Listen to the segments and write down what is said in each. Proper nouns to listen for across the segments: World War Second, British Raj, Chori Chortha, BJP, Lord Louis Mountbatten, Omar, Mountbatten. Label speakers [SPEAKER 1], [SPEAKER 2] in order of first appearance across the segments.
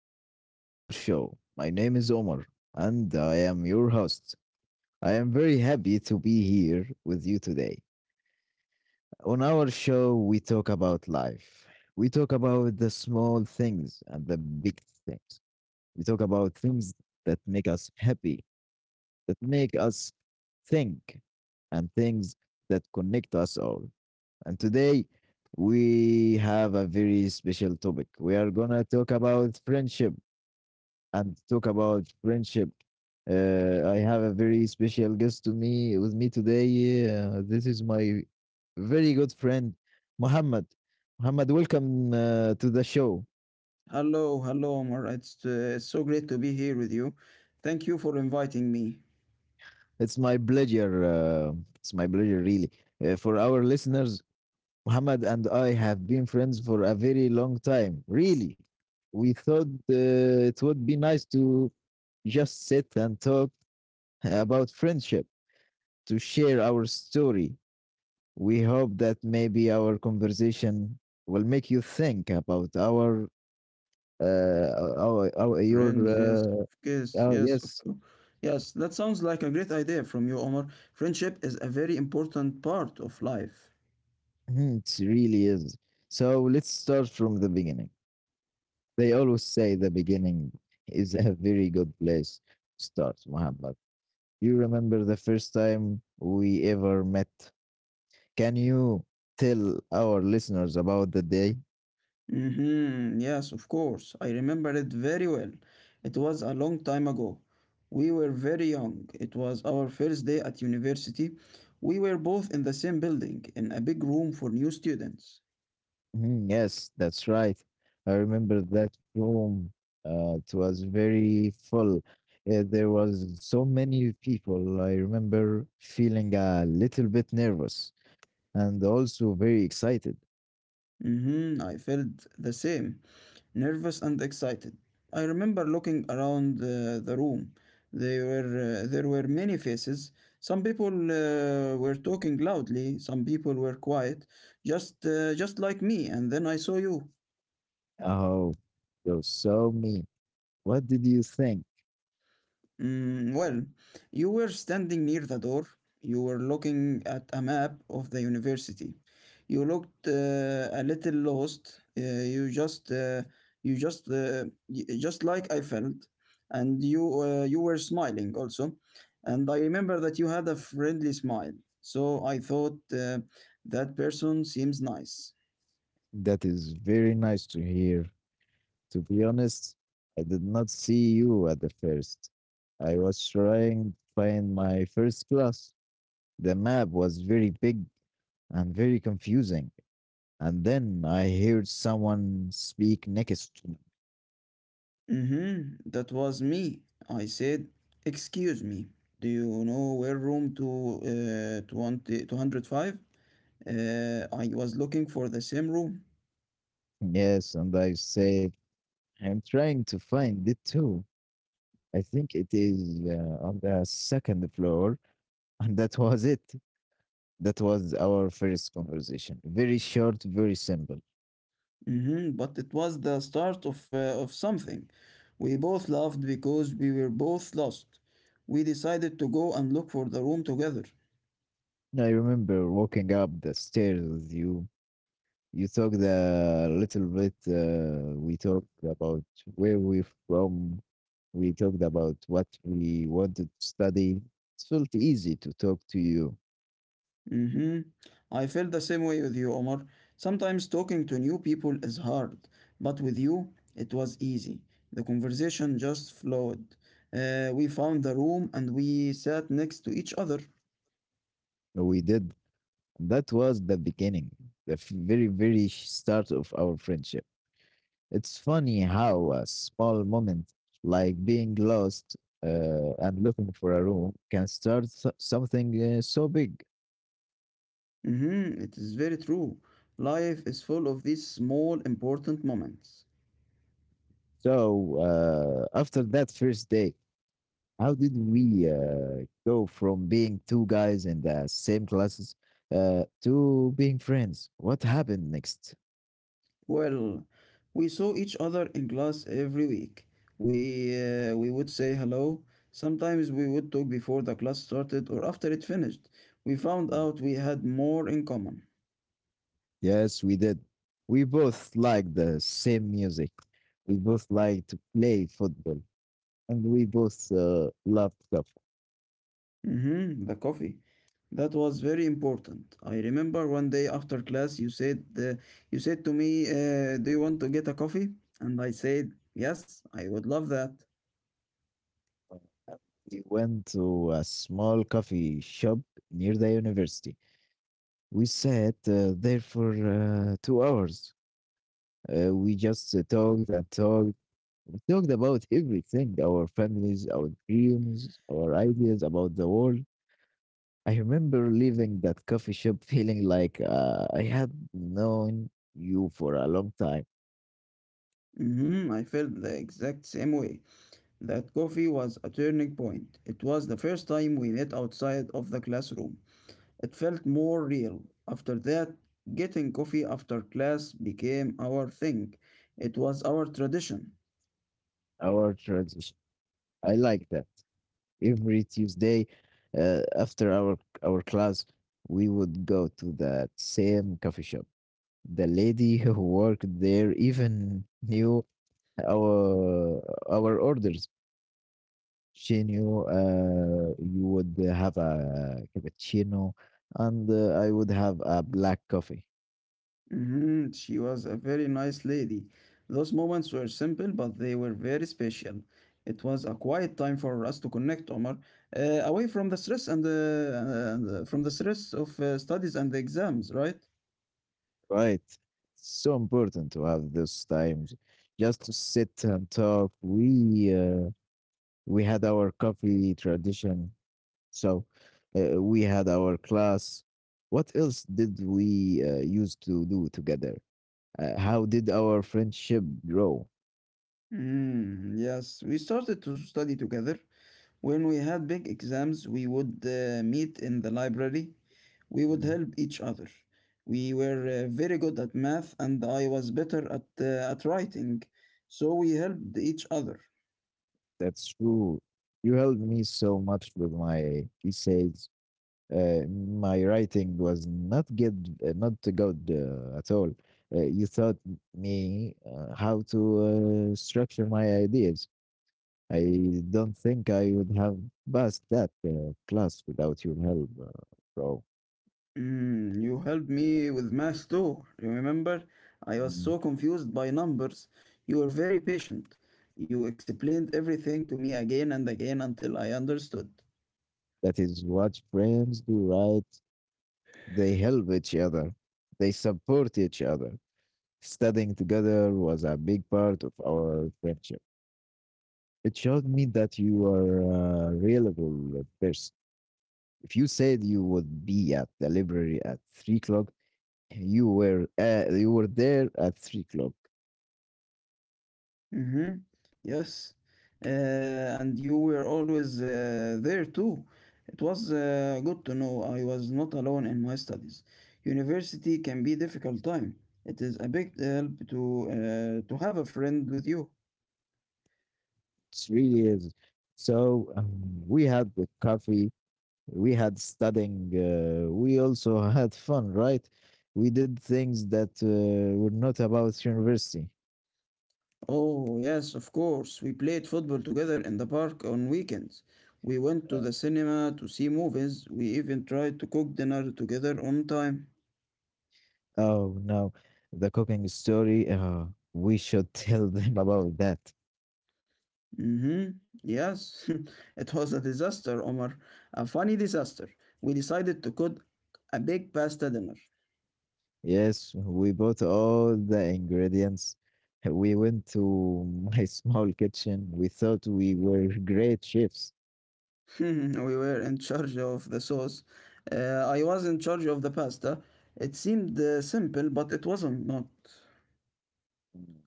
[SPEAKER 1] welcome to our show. My name is Omar, and I am your host. I am very happy to be here with you today. On our show, we talk about life. We talk about the small things and the big things. We talk about things that make us happy, that make us think, and things that connect us all. And today, we have a very special topic. We are gonna talk about friendship and talk about friendship. I have a very special guest to me with me today. This is my very good friend, Muhammad. Muhammad, welcome to the show.
[SPEAKER 2] Hello, hello, Omar. It's so great to be here with you. Thank you for inviting me.
[SPEAKER 1] It's my pleasure. It's my pleasure, really. For our listeners, Muhammad and I have been friends for a very long time. Really, we thought it would be nice to just sit and talk about friendship, to share our story. We hope that maybe our conversation will make you think about uh our your
[SPEAKER 2] Friends, yes, yes,
[SPEAKER 1] oh
[SPEAKER 2] yes, of
[SPEAKER 1] yes.
[SPEAKER 2] course. Yes, that sounds like a great idea from you, Omar. Friendship is a very important part of life.
[SPEAKER 1] Mhm, it really is. So let's start from the beginning. They always say the beginning is a very good place to start, Muhammad. You remember the first time we ever met? Can you tell our listeners about the day?
[SPEAKER 2] Mm-hmm. Yes, of course. I remember it very well. It was a long time ago. We were very young. It was our first day at university. We were both in the same building, in a big room for new students.
[SPEAKER 1] Mhm. Yes, that's right. I remember that room. It was very full. There was so many people. I remember feeling a little bit nervous and also very excited.
[SPEAKER 2] Mm-hmm. I felt the same, nervous and excited. I remember looking around the room. There were many faces. Some people were talking loudly. Some people were quiet, just like me. And then I saw you.
[SPEAKER 1] Oh, you saw me. What did you think?
[SPEAKER 2] Well, you were standing near the door. You were looking at a map of the university. You looked a little lost. Just like I felt, and you were smiling also, and I remember that you had a friendly smile. So I thought that person seems nice.
[SPEAKER 1] That is very nice to hear. To be honest, I did not see you at the first. I was trying to find my first class. The map was very big and very confusing. And then I heard someone speak next to me.
[SPEAKER 2] Mm-hmm. That was me. I said, "Excuse me, do you know where room to 2205? I was looking for the same room."
[SPEAKER 1] Yes, and I said, I'm trying to find it too. I think it is on the second floor. And that was it. That was our first conversation. Very short, very simple.
[SPEAKER 2] Mm-hmm. But it was the start of something. We both laughed because we were both lost. We decided to go and look for the room together.
[SPEAKER 1] I remember walking up the stairs with you. You talked a little bit. We talked about where we're from. We talked about what we wanted to study. It felt easy to talk to you.
[SPEAKER 2] Mm-hmm. I feel the same way with you, Omar. Sometimes talking to new people is hard, but with you, it was easy. The conversation just flowed. We found the room and we sat next to each other.
[SPEAKER 1] We did. That was the beginning, very, very start of our friendship. It's funny how a small moment like being lost and looking for a room can start something so big.
[SPEAKER 2] Mm-hmm. It is very true. Life is full of these small, important moments.
[SPEAKER 1] So, after that first day, how did we go from being two guys in the same classes to being friends? What happened next?
[SPEAKER 2] Well, we saw each other in class every week. We would say hello. Sometimes we would talk before the class started or after it finished. We found out we had more in common.
[SPEAKER 1] Yes, we did. We both like the same music. We both like to play football, and we both loved coffee.
[SPEAKER 2] Mm-hmm, the coffee. That was very important. I remember one day after class, you said to me, "Do you want to get a coffee?" And I said, "Yes, I would love that."
[SPEAKER 1] And we went to a small coffee shop near the university. We sat there for 2 hours. We just talked and talked. We talked about everything: our families, our dreams, our ideas about the world. I remember leaving that coffee shop feeling like I had known you for a long time.
[SPEAKER 2] Mm-hmm, I felt the exact same way. That coffee was a turning point. It was the first time we met outside of the classroom. It felt more real. After that, getting coffee after class became our thing. It was our tradition.
[SPEAKER 1] Our transition, I like that. Every Tuesday, after our class, we would go to that same coffee shop. The lady who worked there even knew our our orders. Chino, you would have a cappuccino, and I would have a black coffee.
[SPEAKER 2] Mhm. She was a very nice lady. Those moments were simple, but they were very special. It was a quiet time for us to connect, Omar, away from the stress and from the stress of studies and exams, right?
[SPEAKER 1] Right. It's so important to have those times just to sit and talk. We had our coffee tradition, so we had our class. What else did we used to do together? How did our friendship grow?
[SPEAKER 2] Yes, we started to study together. When we had big exams, we would meet in the library. We would
[SPEAKER 1] Mm.
[SPEAKER 2] help each other. We were very good at math, and I was better at writing, so we helped each other.
[SPEAKER 1] That's true. You helped me so much with my essays. My writing was not good, not good at all. You taught me how to structure my ideas. I don't think I would have passed that class without your help, bro.
[SPEAKER 2] Mm, you helped me with math too. Remember, I was
[SPEAKER 1] Mm.
[SPEAKER 2] so confused by numbers. You were very patient. You explained everything to me again and again until I understood.
[SPEAKER 1] That is what friends do, right? They help each other. They support each other. Studying together was a big part of our friendship. It showed me that you are a reliable person. If you said you would be at the library at 3 o'clock, you were there at 3 o'clock.
[SPEAKER 2] Mm-hmm. Yes. Uh, and you were always there too. It was good to know I was not alone in my studies. University can be difficult time. It is a big help to have a friend with you.
[SPEAKER 1] It's really is. So we had the coffee, we had studying, we also had fun, right? We did things that were not about university.
[SPEAKER 2] Oh, yes, of course. We played football together in the park on weekends. We went
[SPEAKER 1] Uh,
[SPEAKER 2] to the cinema to see movies. We even tried to cook dinner together on time.
[SPEAKER 1] Oh no, the cooking story. We should tell them about that.
[SPEAKER 2] Mm-hmm. Yes, it was a disaster, Omar. A funny disaster. We decided to cook a big pasta dinner.
[SPEAKER 1] Yes, we bought all the ingredients. We went to my small kitchen. We thought we were great chefs.
[SPEAKER 2] we were in charge of the sauce. Uh, I was in charge of the pasta. It seemed simple, but it wasn't not.
[SPEAKER 1] Mm.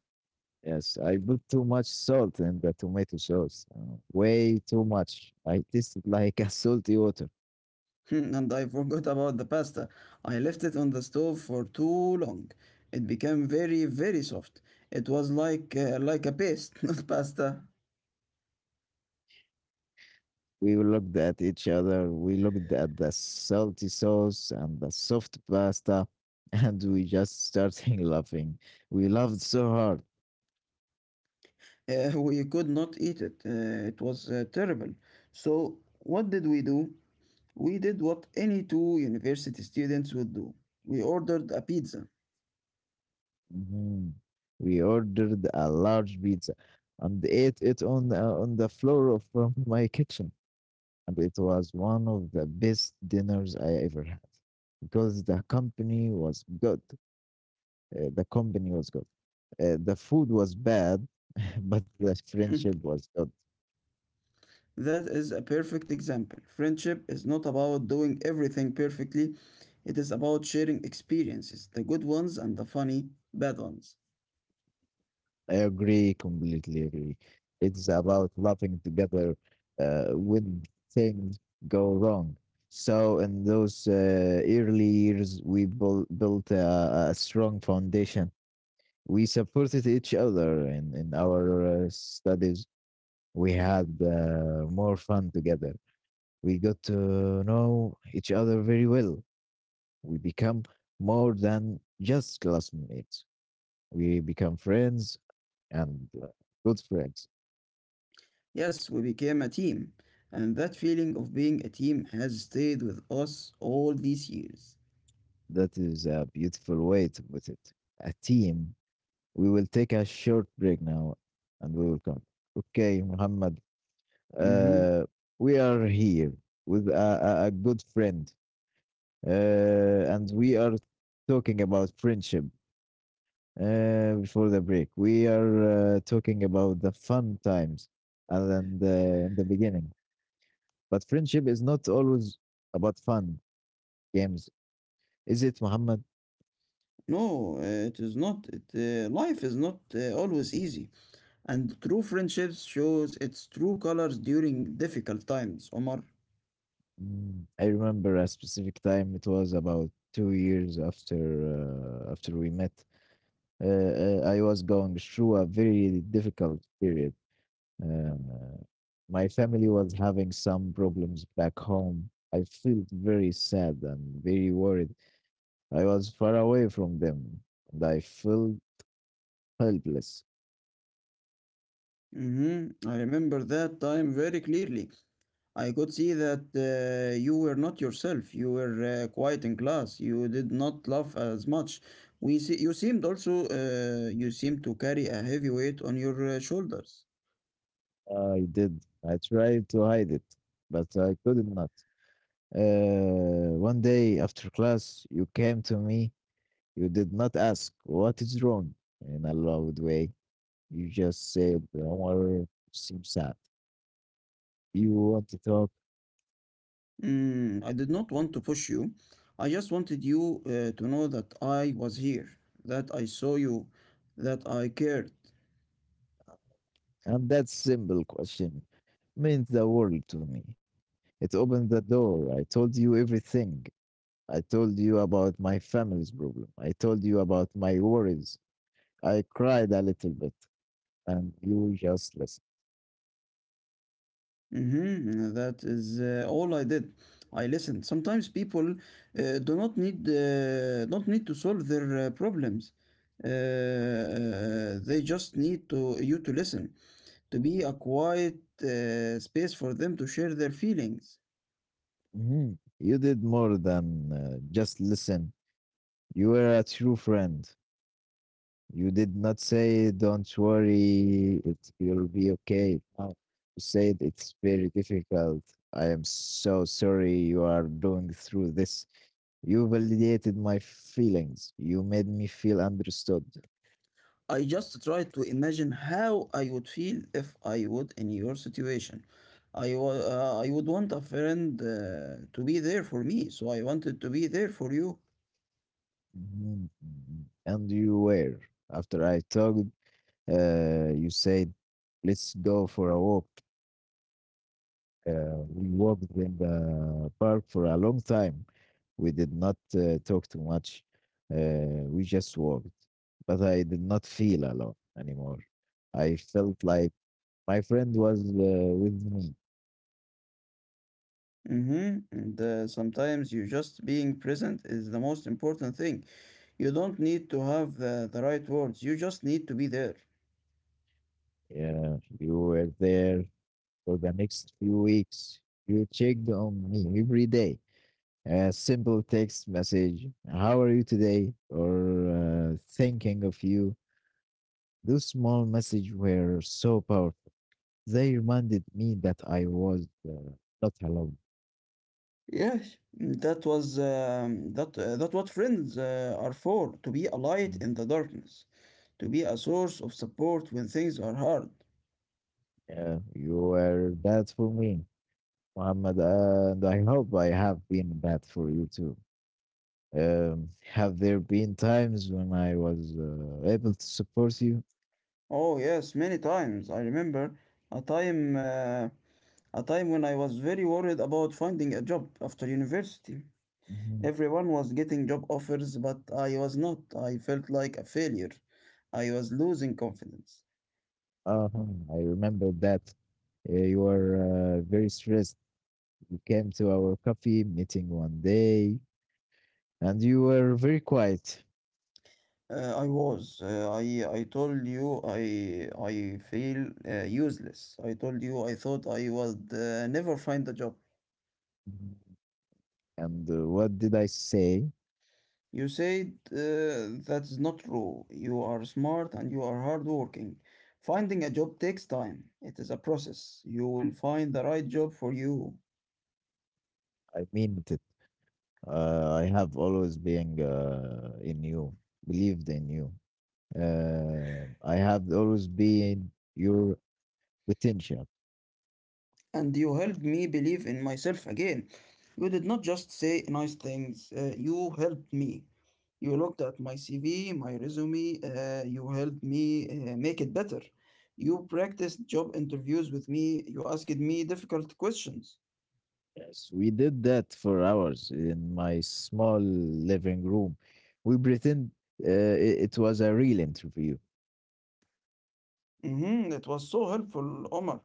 [SPEAKER 1] Yes, I put too much salt in the tomato sauce. Way too much. I tasted like a salty water.
[SPEAKER 2] and I forgot about the pasta. I left it on the stove for too long. It became very, very soft. It was like a paste, not pasta.
[SPEAKER 1] We looked at each other. We looked at the salty sauce and the soft pasta, and we just started laughing. We laughed so hard.
[SPEAKER 2] We could not eat it. It was terrible. So, what did we do? We did what any two university students would do. We ordered a pizza.
[SPEAKER 1] Mhm. We ordered a large pizza and ate it on the floor of my kitchen, and it was one of the best dinners I ever had because the company was good. The company was good. The food was bad, but the friendship was good.
[SPEAKER 2] that is a perfect example. Friendship is not about doing everything perfectly, it is about sharing experiences, the good ones and the funny, bad ones.
[SPEAKER 1] I agree, completely agree. It's about laughing together when things go wrong. So, in those early years, we built a strong foundation. We supported each other in our studies. We had more fun together. We got to know each other very well. We become more than just classmates. We become friends and good friends.
[SPEAKER 2] Yes, we became a team, and that feeling of being a team has stayed with us all these years.
[SPEAKER 1] That is a beautiful way to put it. A team. We will take a short break now and we will come. Okay, Muhammad.
[SPEAKER 2] Mhm.
[SPEAKER 1] Uh, we are here with a good friend and we are talking about friendship before the break. We are talking about the fun times and then in the beginning. But friendship is not always about fun games, is it, Muhammad?
[SPEAKER 2] No, it is not. Life is not always easy, and true friendships shows its true colors during difficult times, Omar.
[SPEAKER 1] Mm. I remember a specific time. It was about 2 years after we met. I was going through a very difficult period. Uh, my family was having some problems back home. I felt very sad and very worried. I was far away from them, and I felt helpless.
[SPEAKER 2] Mm-hmm. I remember that time very clearly. I could see that you were not yourself. You were quiet in class. You did not laugh as much. We see, you seemed also You seemed to carry a heavy weight on your shoulders.
[SPEAKER 1] I did. I tried to hide it, but I could not. One day after class, you came to me. You did not ask what is wrong in a loud way. You just said, don't worry, seem sad. You want to talk?
[SPEAKER 2] Mm, I did not want to push you. I just wanted you to know that I was here, that I saw you, that I cared.
[SPEAKER 1] And that simple question meant the world to me. It opened the door. I told you everything. I told you about my family's problem. I told you about my worries. I cried a little bit, and you just listened.
[SPEAKER 2] Mm-hmm. That is all I did. I listened. Sometimes people do not need not need to solve their problems. They just need to you to listen, to be a quiet space for them to share their feelings.
[SPEAKER 1] Mhm. You did more than just listen. You were a true friend. You did not say, don't worry, you'll be okay. No, you said it's very difficult. I am so sorry you are going through this. You validated my feelings. You made me feel understood.
[SPEAKER 2] I just try to imagine how I would feel if I would in your situation. I would want a friend to be there for me, so I wanted to be there for you.
[SPEAKER 1] Mhm, mhm. And you were. After I talked, you said, let's go for a walk. We walked in the park for a long time. We did not talk too much. We just walked. But I did not feel alone anymore. I felt like my friend was with me.
[SPEAKER 2] And sometimes you just being present is the most important thing. You don't need to have the right words. You just need to be there.
[SPEAKER 1] Yeah, you were there for the next few weeks. You checked on me every day. A simple text message, how are you today? Or thinking of you. Those small messages were so powerful. They reminded me that I was not alone.
[SPEAKER 2] Yes, that was that that what friends are for, to be a light
[SPEAKER 1] Mm.
[SPEAKER 2] in the darkness, to be a source of support when things are hard.
[SPEAKER 1] Yeah, you were that for me, Muhammad, and I hope I have been that for you too. Have there been times when I was able to support you?
[SPEAKER 2] Oh yes, many times. I remember a time uh, a time when I was very worried about finding a job after university.
[SPEAKER 1] Mhm.
[SPEAKER 2] Everyone was getting job offers, but I was not. I felt like a failure. I was losing confidence.
[SPEAKER 1] Uh-huh, I remember that. You were very stressed. You came to our coffee meeting one day, and you were very quiet.
[SPEAKER 2] I was. I told you I feel useless. I told you I thought I would never find a job.
[SPEAKER 1] Mm-hmm. And what did I say?
[SPEAKER 2] You said that's not true. You are smart and you are hardworking. Finding a job takes time. It is a process. You will find the right job for you.
[SPEAKER 1] I meant it. I have always believed in you. I have always been your potential.
[SPEAKER 2] And you helped me believe in myself again. You did not just say nice things, you helped me. You looked at my CV, my resume, you helped me make it better. You practiced job interviews with me, you asked me difficult questions.
[SPEAKER 1] Yes, we did that for hours in my small living room. We pretend it was a real interview.
[SPEAKER 2] Mm-hmm. It was so helpful, Omar.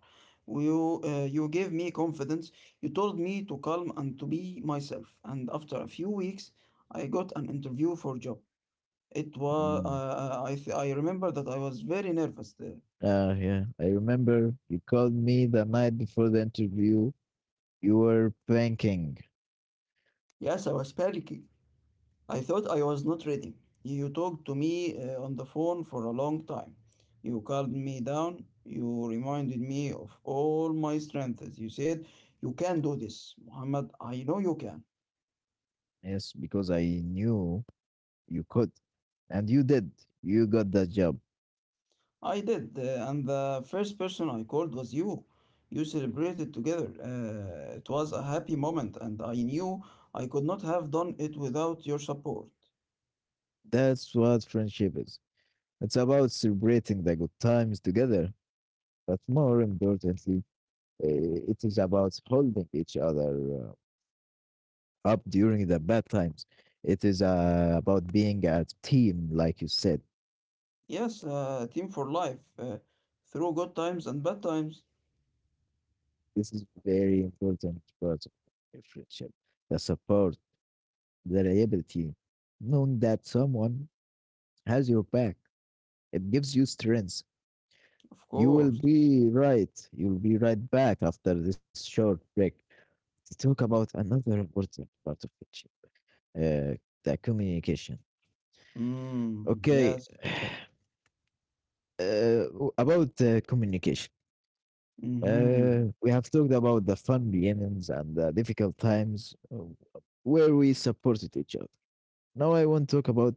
[SPEAKER 2] You gave me confidence. You told me to calm and to be myself. And after a few weeks, I got an interview for job. It was
[SPEAKER 1] Mm.
[SPEAKER 2] I remember that I was very nervous there.
[SPEAKER 1] Yeah, I remember you called me the night before the interview. You were banking.
[SPEAKER 2] Yes, I was panicking. I thought I was not ready. You talked to me on the phone for a long time. You calmed me down. You reminded me of all my strengths. You said, "You can do this, Muhammad. I know you can."
[SPEAKER 1] Yes, because I knew you could. And you did. You got that job.
[SPEAKER 2] I did, and the first person I called was you. You celebrated together. It was a happy moment, and I knew I could not have done it without your support.
[SPEAKER 1] That's what friendship is. It's about celebrating the good times together, but more importantly, it is about holding each other up during the bad times. It is about being a team, like you said.
[SPEAKER 2] Yes, team for life, through good times and bad times,
[SPEAKER 1] This is very important part of a friendship. The support, the reliability, knowing that someone has your back. It gives you strength.
[SPEAKER 2] of
[SPEAKER 1] You will
[SPEAKER 2] course.
[SPEAKER 1] be right. You'll be right back after this short break to talk about another important part of friendship, uh, the communication.
[SPEAKER 2] Mm,
[SPEAKER 1] Okay,
[SPEAKER 2] yes.
[SPEAKER 1] about communication.
[SPEAKER 2] Mm-hmm.
[SPEAKER 1] We have talked about the fun beginnings and the difficult times where we supported each other. Now I want to talk about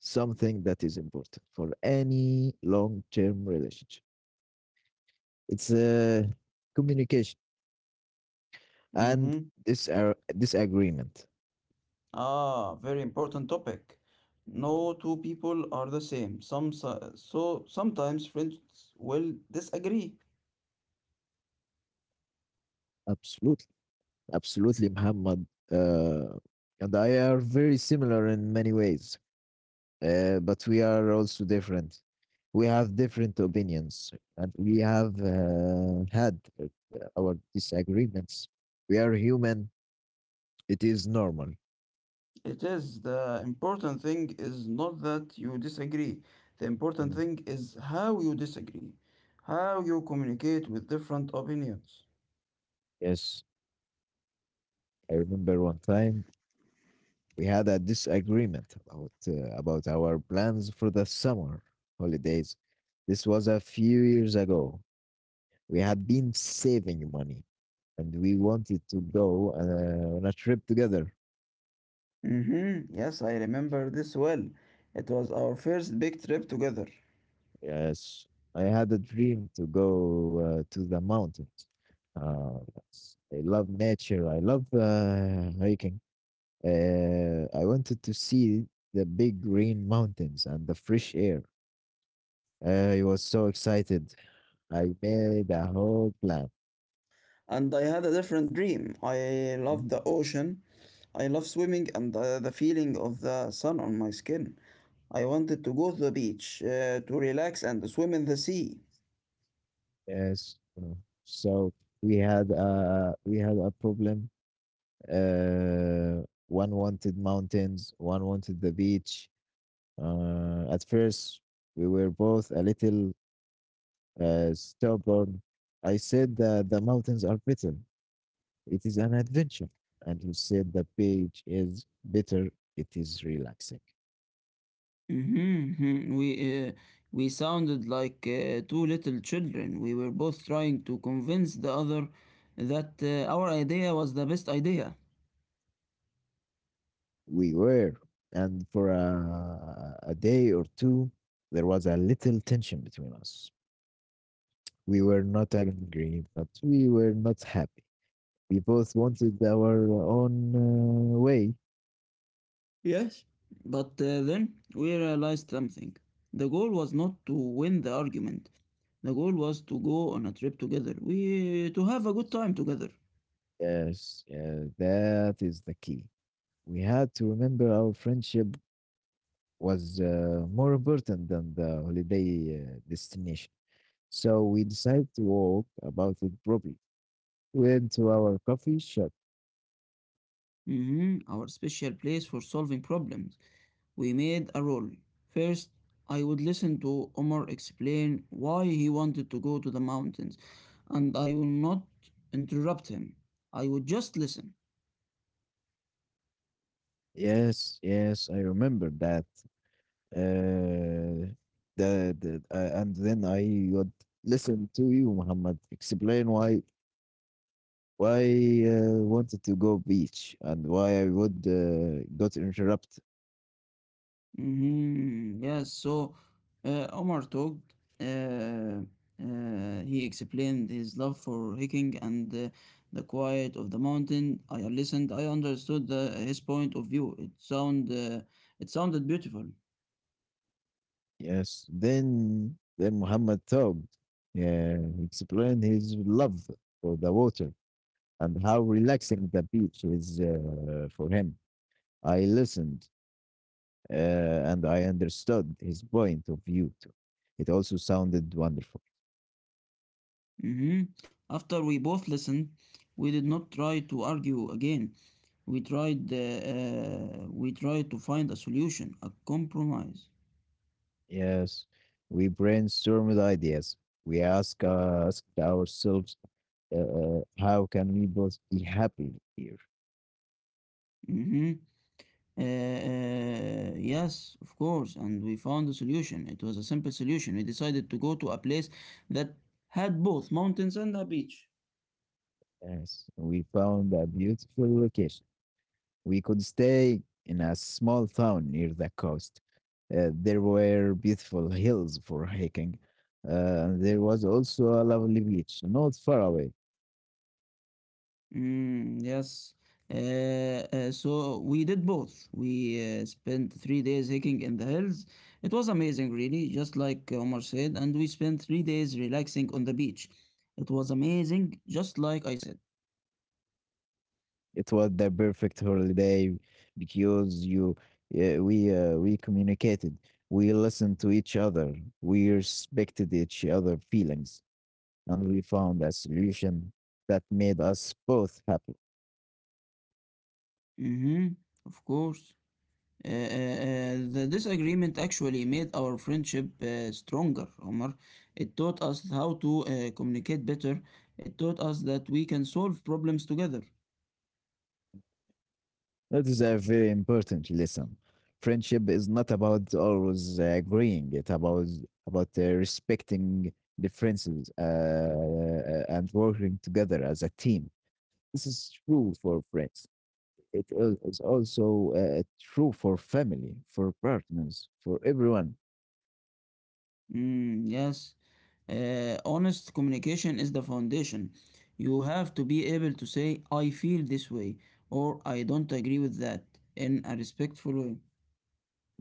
[SPEAKER 1] something that is important for any long-term relationship. It's communication and
[SPEAKER 2] Mm-hmm.
[SPEAKER 1] disagreement.
[SPEAKER 2] Ah, very important topic. No two people are the same. Sometimes friends will disagree.
[SPEAKER 1] Absolutely, absolutely, Muhammad. And I are very similar in many ways, but we are also different. We have different opinions, and we have had our disagreements. We are human. It is normal.
[SPEAKER 2] It is. The important thing is not that you disagree. The important
[SPEAKER 1] Mhm.
[SPEAKER 2] thing is how you disagree, how you communicate with different opinions.
[SPEAKER 1] Yes, I remember one time we had a disagreement about our plans for the summer holidays. This was a few years ago. We had been saving money and we wanted to go on a trip together.
[SPEAKER 2] Mm-hmm. Yes, I remember this well. It was our first big trip together,
[SPEAKER 1] Yes, I had a dream to go to the mountains. Uh, I love nature. I love hiking. I wanted to see the big green mountains and the fresh air. I was so excited. I made a whole plan.
[SPEAKER 2] and I had a different dream. I loved
[SPEAKER 1] Mm.
[SPEAKER 2] the ocean, I love swimming, and the feeling of the sun on my skin. I wanted to go to the beach, to relax, and swim in the sea.
[SPEAKER 1] Yes. So we had a problem. Uh, one wanted mountains, one wanted the beach. At first, we were both a little stubborn. I said that the mountains are bitter. It is an adventure. And he said the beach is bitter. It is relaxing.
[SPEAKER 2] Mhm, mhm. We sounded like two little children. We were both trying to convince the other that our idea was the best idea.
[SPEAKER 1] We were. And for a day or two, there was a little tension between us. We were not angry, but we were not happy. We both wanted our own way.
[SPEAKER 2] Yes, but then we realized something. The goal was not to win the argument. The goal was to go on a trip together. We to have a good time together.
[SPEAKER 1] Yes, yeah, that is the key. We had to remember our friendship was more important than the holiday destination. So we decided to walk about it properly. Went to our coffee shop.
[SPEAKER 2] Our special place for solving problems. We made a rule. First, I would listen to Omar explain why he wanted to go to the mountains, and I would not interrupt him. I would just listen.
[SPEAKER 1] Yes, yes, I remember that. Uh, and then I would listen to you, Muhammad, explain why wanted to go beach and why I would got interrupted.
[SPEAKER 2] Mhm. Yes, so Omar talked. Uh, he explained his love for hiking and the quiet of the mountain. I listened. I understood his point of view. It sounded beautiful.
[SPEAKER 1] Yes, then Muhammad talked. Yeah, he explained his love for the water and how relaxing the beach is for him. I listened uh, and I understood his point of view too. It also sounded wonderful.
[SPEAKER 2] hmm After we both listened, we did not try to argue again. We tried to find a solution, a compromise.
[SPEAKER 1] Yes, we brainstormed ideas. We asked ourselves, how can we both be happy here?
[SPEAKER 2] Mm-hmm. Yes, of course, and we found a solution. It was a simple solution. We decided to go to a place that had both mountains and a beach.
[SPEAKER 1] Yes, we found a beautiful location. We could stay in a small town near the coast. There were beautiful hills for hiking. Uh, and there was also a lovely beach, not far away.
[SPEAKER 2] Mm, yes. So we did both. We spent 3 days hiking in the hills. It was amazing, really, just like Omar said, and we spent 3 days relaxing on the beach. It was amazing, just like I said.
[SPEAKER 1] It was the perfect holiday because we communicated. We listened to each other. We respected each other's feelings, and we found a solution that made us both happy.
[SPEAKER 2] Mm-hmm, of course. The disagreement actually made our friendship stronger, Omar. It taught us how to communicate better. It taught us that we can solve problems together.
[SPEAKER 1] That is a very important lesson. Friendship is not about always agreeing. It's about respecting differences and working together as a team. This is true for friends. It is also true for family, for partners, for everyone.
[SPEAKER 2] Mm, yes. Honest communication is the foundation. You have to be able to say, I feel this way, or I don't agree with that, in a respectful way.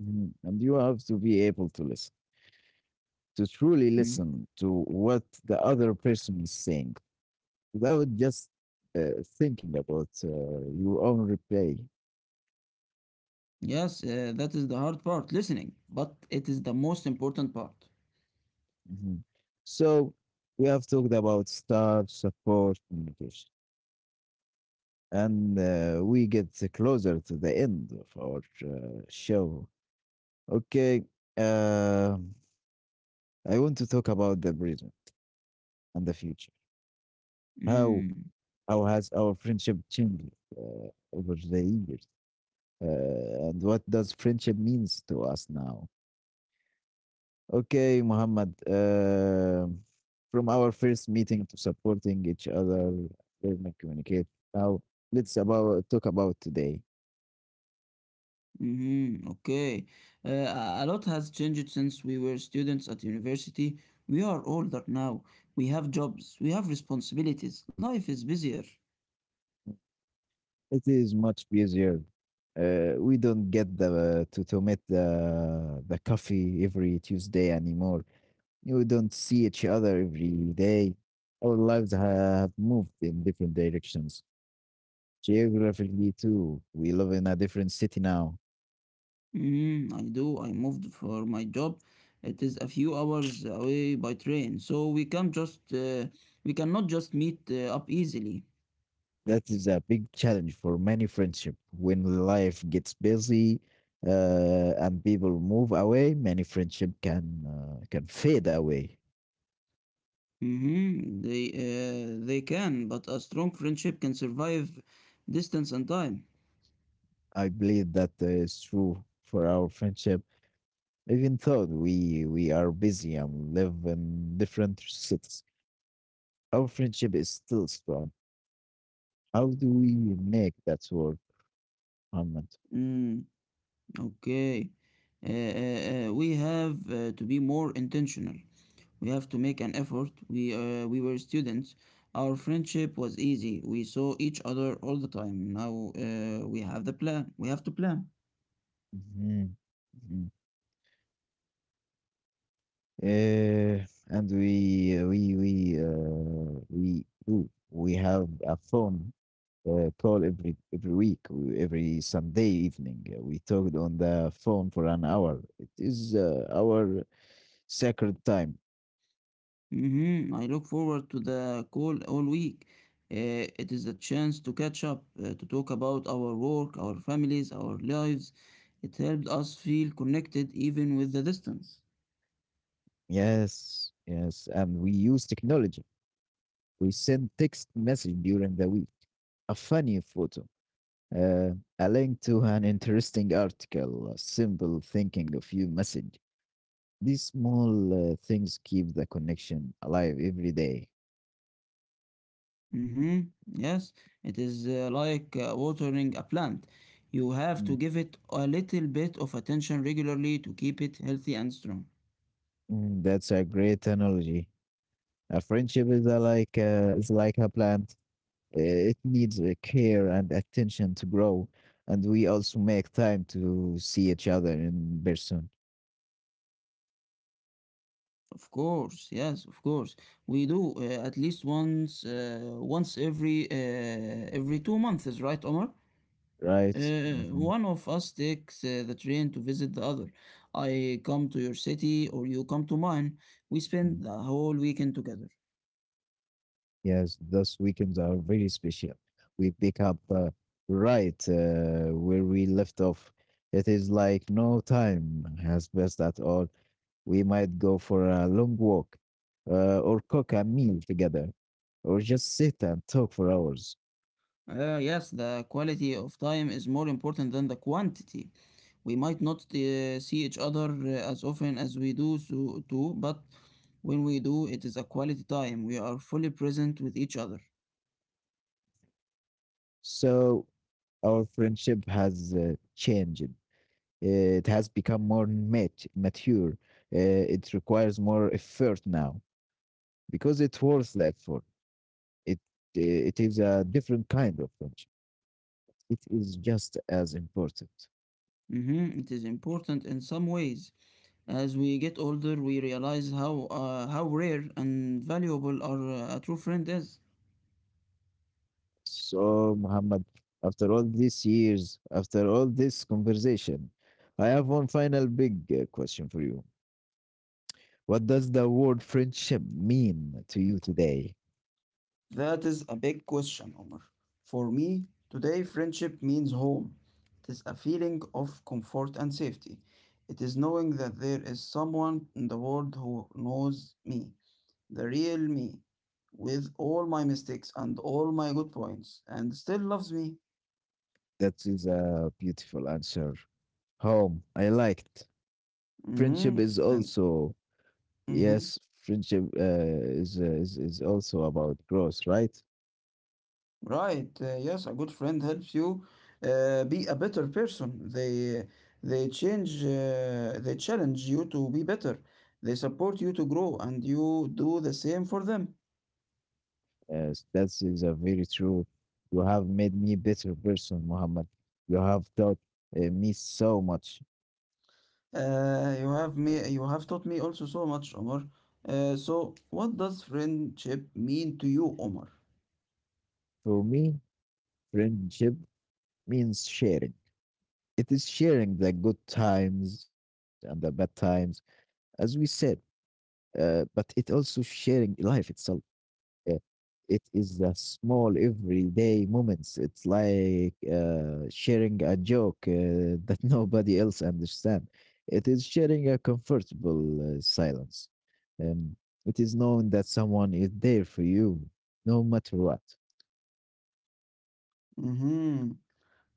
[SPEAKER 1] Mhm. And you have to be able to listen, to truly
[SPEAKER 2] Mm.
[SPEAKER 1] listen to what the other person is saying, without just thinking about your own replay.
[SPEAKER 2] Yes, that is the hard part, listening, but it is the most important part.
[SPEAKER 1] Mhm. So we have talked about start, support, communication, and we get closer to the end of our show. Okay, uh, I want to talk about the present and the future. How
[SPEAKER 2] Mm.
[SPEAKER 1] how has our friendship changed over the years, and what does friendship means to us now? Okay, Muhammad. From our first meeting to supporting each other, learning communicate. Now let's about talk about today.
[SPEAKER 2] Mm-hmm. Okay. A lot has changed since we were students at university. We are older now. We have jobs. We have responsibilities. Life is busier.
[SPEAKER 1] It is much busier. We don't get the to meet the coffee every Tuesday anymore. We don't see each other every day. Our lives have moved in different directions. Geographically, too, we live in a different city now.
[SPEAKER 2] Mm, I do. I moved for my job. It is a few hours away by train, so we cannot just meet up easily.
[SPEAKER 1] That is a big challenge for many friendship. When life gets busy and people move away, many friendship can fade away.
[SPEAKER 2] Mm-hmm. They can, but a strong friendship can survive distance and time.
[SPEAKER 1] I believe that is true for our friendship. Even though we are busy and live in different cities, our friendship is still strong. How do we make that work, Muhammad?
[SPEAKER 2] Mm. Okay. We have to be more intentional. We have to make an effort. We were students. Our friendship was easy. We saw each other all the time. Now we have the plan. We have to plan.
[SPEAKER 1] Mhm, mhm. And we do. We have a phone call every week, every Sunday evening. We talked on the phone for an hour. It is our sacred time.
[SPEAKER 2] Mm-hmm. I look forward to the call all week. It is a chance to catch up, to talk about our work, our families, our lives. It helped us feel connected even with the distance.
[SPEAKER 1] Yes, yes. And we use technology. We send text message during the week, a funny photo, Uh, a link to an interesting article, a simple thinking of you message. These small things keep the connection alive every day.
[SPEAKER 2] Mm-hmm. Yes, it is like watering a plant. You have to
[SPEAKER 1] Mm,
[SPEAKER 2] give it a little bit of attention regularly to keep it healthy and strong.
[SPEAKER 1] mm, that's a great analogy. A friendship is like a plant. It needs care and attention to grow, and we also make time to see each other in person,
[SPEAKER 2] Of course, yes, of course. We do at least once, once every 2 months, right, Omar?
[SPEAKER 1] right? Mhm.
[SPEAKER 2] One of us takes the train to visit the other. I come to your city or you come to mine. We spend the whole weekend together.
[SPEAKER 1] Yes, those weekends are very special. We pick up right where we left off. It is like no time has passed at all. We might go for a long walk, or cook a meal together, or just sit and talk for hours.
[SPEAKER 2] Yes, the quality of time is more important than the quantity. We might not see each other as often as we do so, too, but when we do, it is a quality time. We are fully present with each other.
[SPEAKER 1] So our friendship has changed. It has become more mature. It requires more effort now because it's worth the effort. It, eh, it is a different kind of friendship. It is just as important.
[SPEAKER 2] Mhm, it is important in some ways. As we get older, we realize how rare and valuable our a true friend is.
[SPEAKER 1] So, Muhammad, after all these years, after all this conversation, I have one final big question for you. What does the word friendship mean to you today?
[SPEAKER 2] That is a big question, Omar. For me, today friendship means home. It is a feeling of comfort and safety. It is knowing that there is someone in the world who knows me, the real me, with all my mistakes and all my good points, and still loves me.
[SPEAKER 1] That is a beautiful answer. Home, I liked. Friendship
[SPEAKER 2] Mm-hmm.
[SPEAKER 1] is
[SPEAKER 2] Friend.
[SPEAKER 1] also,
[SPEAKER 2] Mm-hmm.
[SPEAKER 1] yes, friendship is also about growth, right?
[SPEAKER 2] Right. Yes, a good friend helps you be a better person. They change they challenge you to be better. They support you to grow, and you do the same for them.
[SPEAKER 1] Yes, that is a very true. You have made me better person, Muhammad. You have taught me so much.
[SPEAKER 2] You have taught me also so much, Omar. So, what does friendship mean to you, Omar?
[SPEAKER 1] For me, friendship means sharing. It is sharing the good times and the bad times, as we said, but it also sharing life itself. uh, it is the small everyday moments. It's like sharing a joke that nobody else understands. It is sharing a comfortable silence. Um, it is knowing that someone is there for you, no matter what.
[SPEAKER 2] Mm-hmm.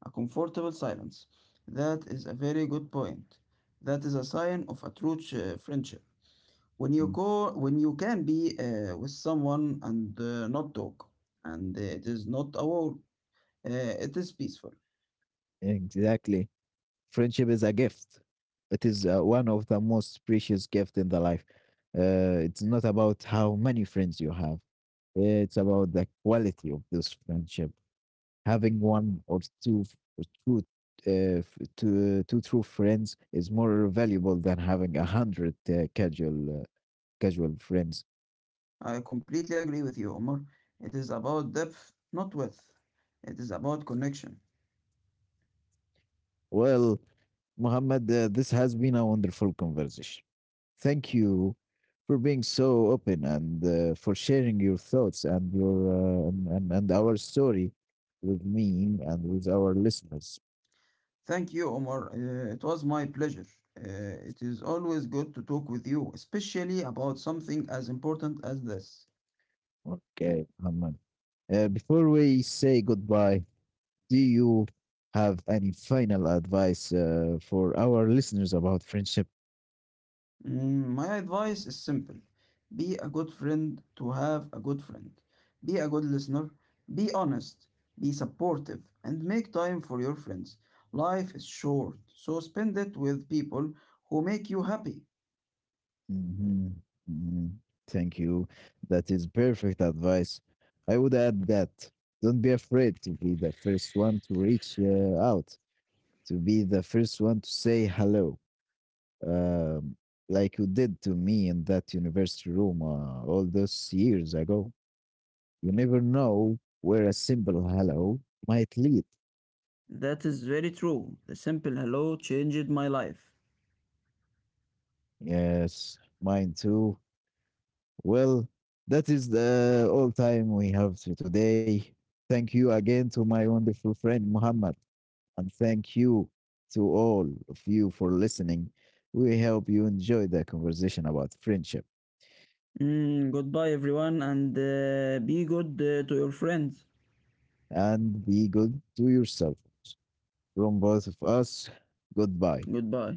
[SPEAKER 2] A comfortable silence. That is a very good point. That is a sign of a true ch- friendship. when you
[SPEAKER 1] Mm.
[SPEAKER 2] go when you can be with someone and not talk, and it is not a war, it is peaceful.
[SPEAKER 1] Exactly. Friendship is a gift. It is one of the most precious gift in the life. It's not about how many friends you have. It's about the quality of this friendship. Having one or two f- two, two true friends is more valuable than having a hundred casual friends.
[SPEAKER 2] I completely agree with you, Omar. It is about depth, not width. It is about connection.
[SPEAKER 1] Well, Muhammad, this has been a wonderful conversation. Thank you for being so open and for sharing your thoughts and your and our story with me and with our listeners.
[SPEAKER 2] Thank you, Omar. It was my pleasure. It is always good to talk with you, especially about something as important as this.
[SPEAKER 1] Okay, Muhammad. Before we say goodbye, do you have any final advice for our listeners about friendship?
[SPEAKER 2] Mm, my advice is simple. Be a good friend to have a good friend. Be a good listener. Be honest. Be supportive. And make time for your friends. Life is short, so spend it with people who make you happy.
[SPEAKER 1] Hmm. Hmm. Thank you. That is perfect advice. I would add that don't be afraid to be the first one to reach out, to be the first one to say hello, um, like you did to me in that university room all those years ago. You never know where a simple hello might lead.
[SPEAKER 2] That is very true. The simple hello changed my life.
[SPEAKER 1] Yes, mine too. Well, that is the all time we have to today. Thank you again to my wonderful friend Muhammad, and thank you to all of you for listening. We hope you enjoyed the conversation about friendship
[SPEAKER 2] Mm, goodbye, everyone, and be good to your friends.
[SPEAKER 1] and be good to yourself. From both of us, goodbye.
[SPEAKER 2] Goodbye.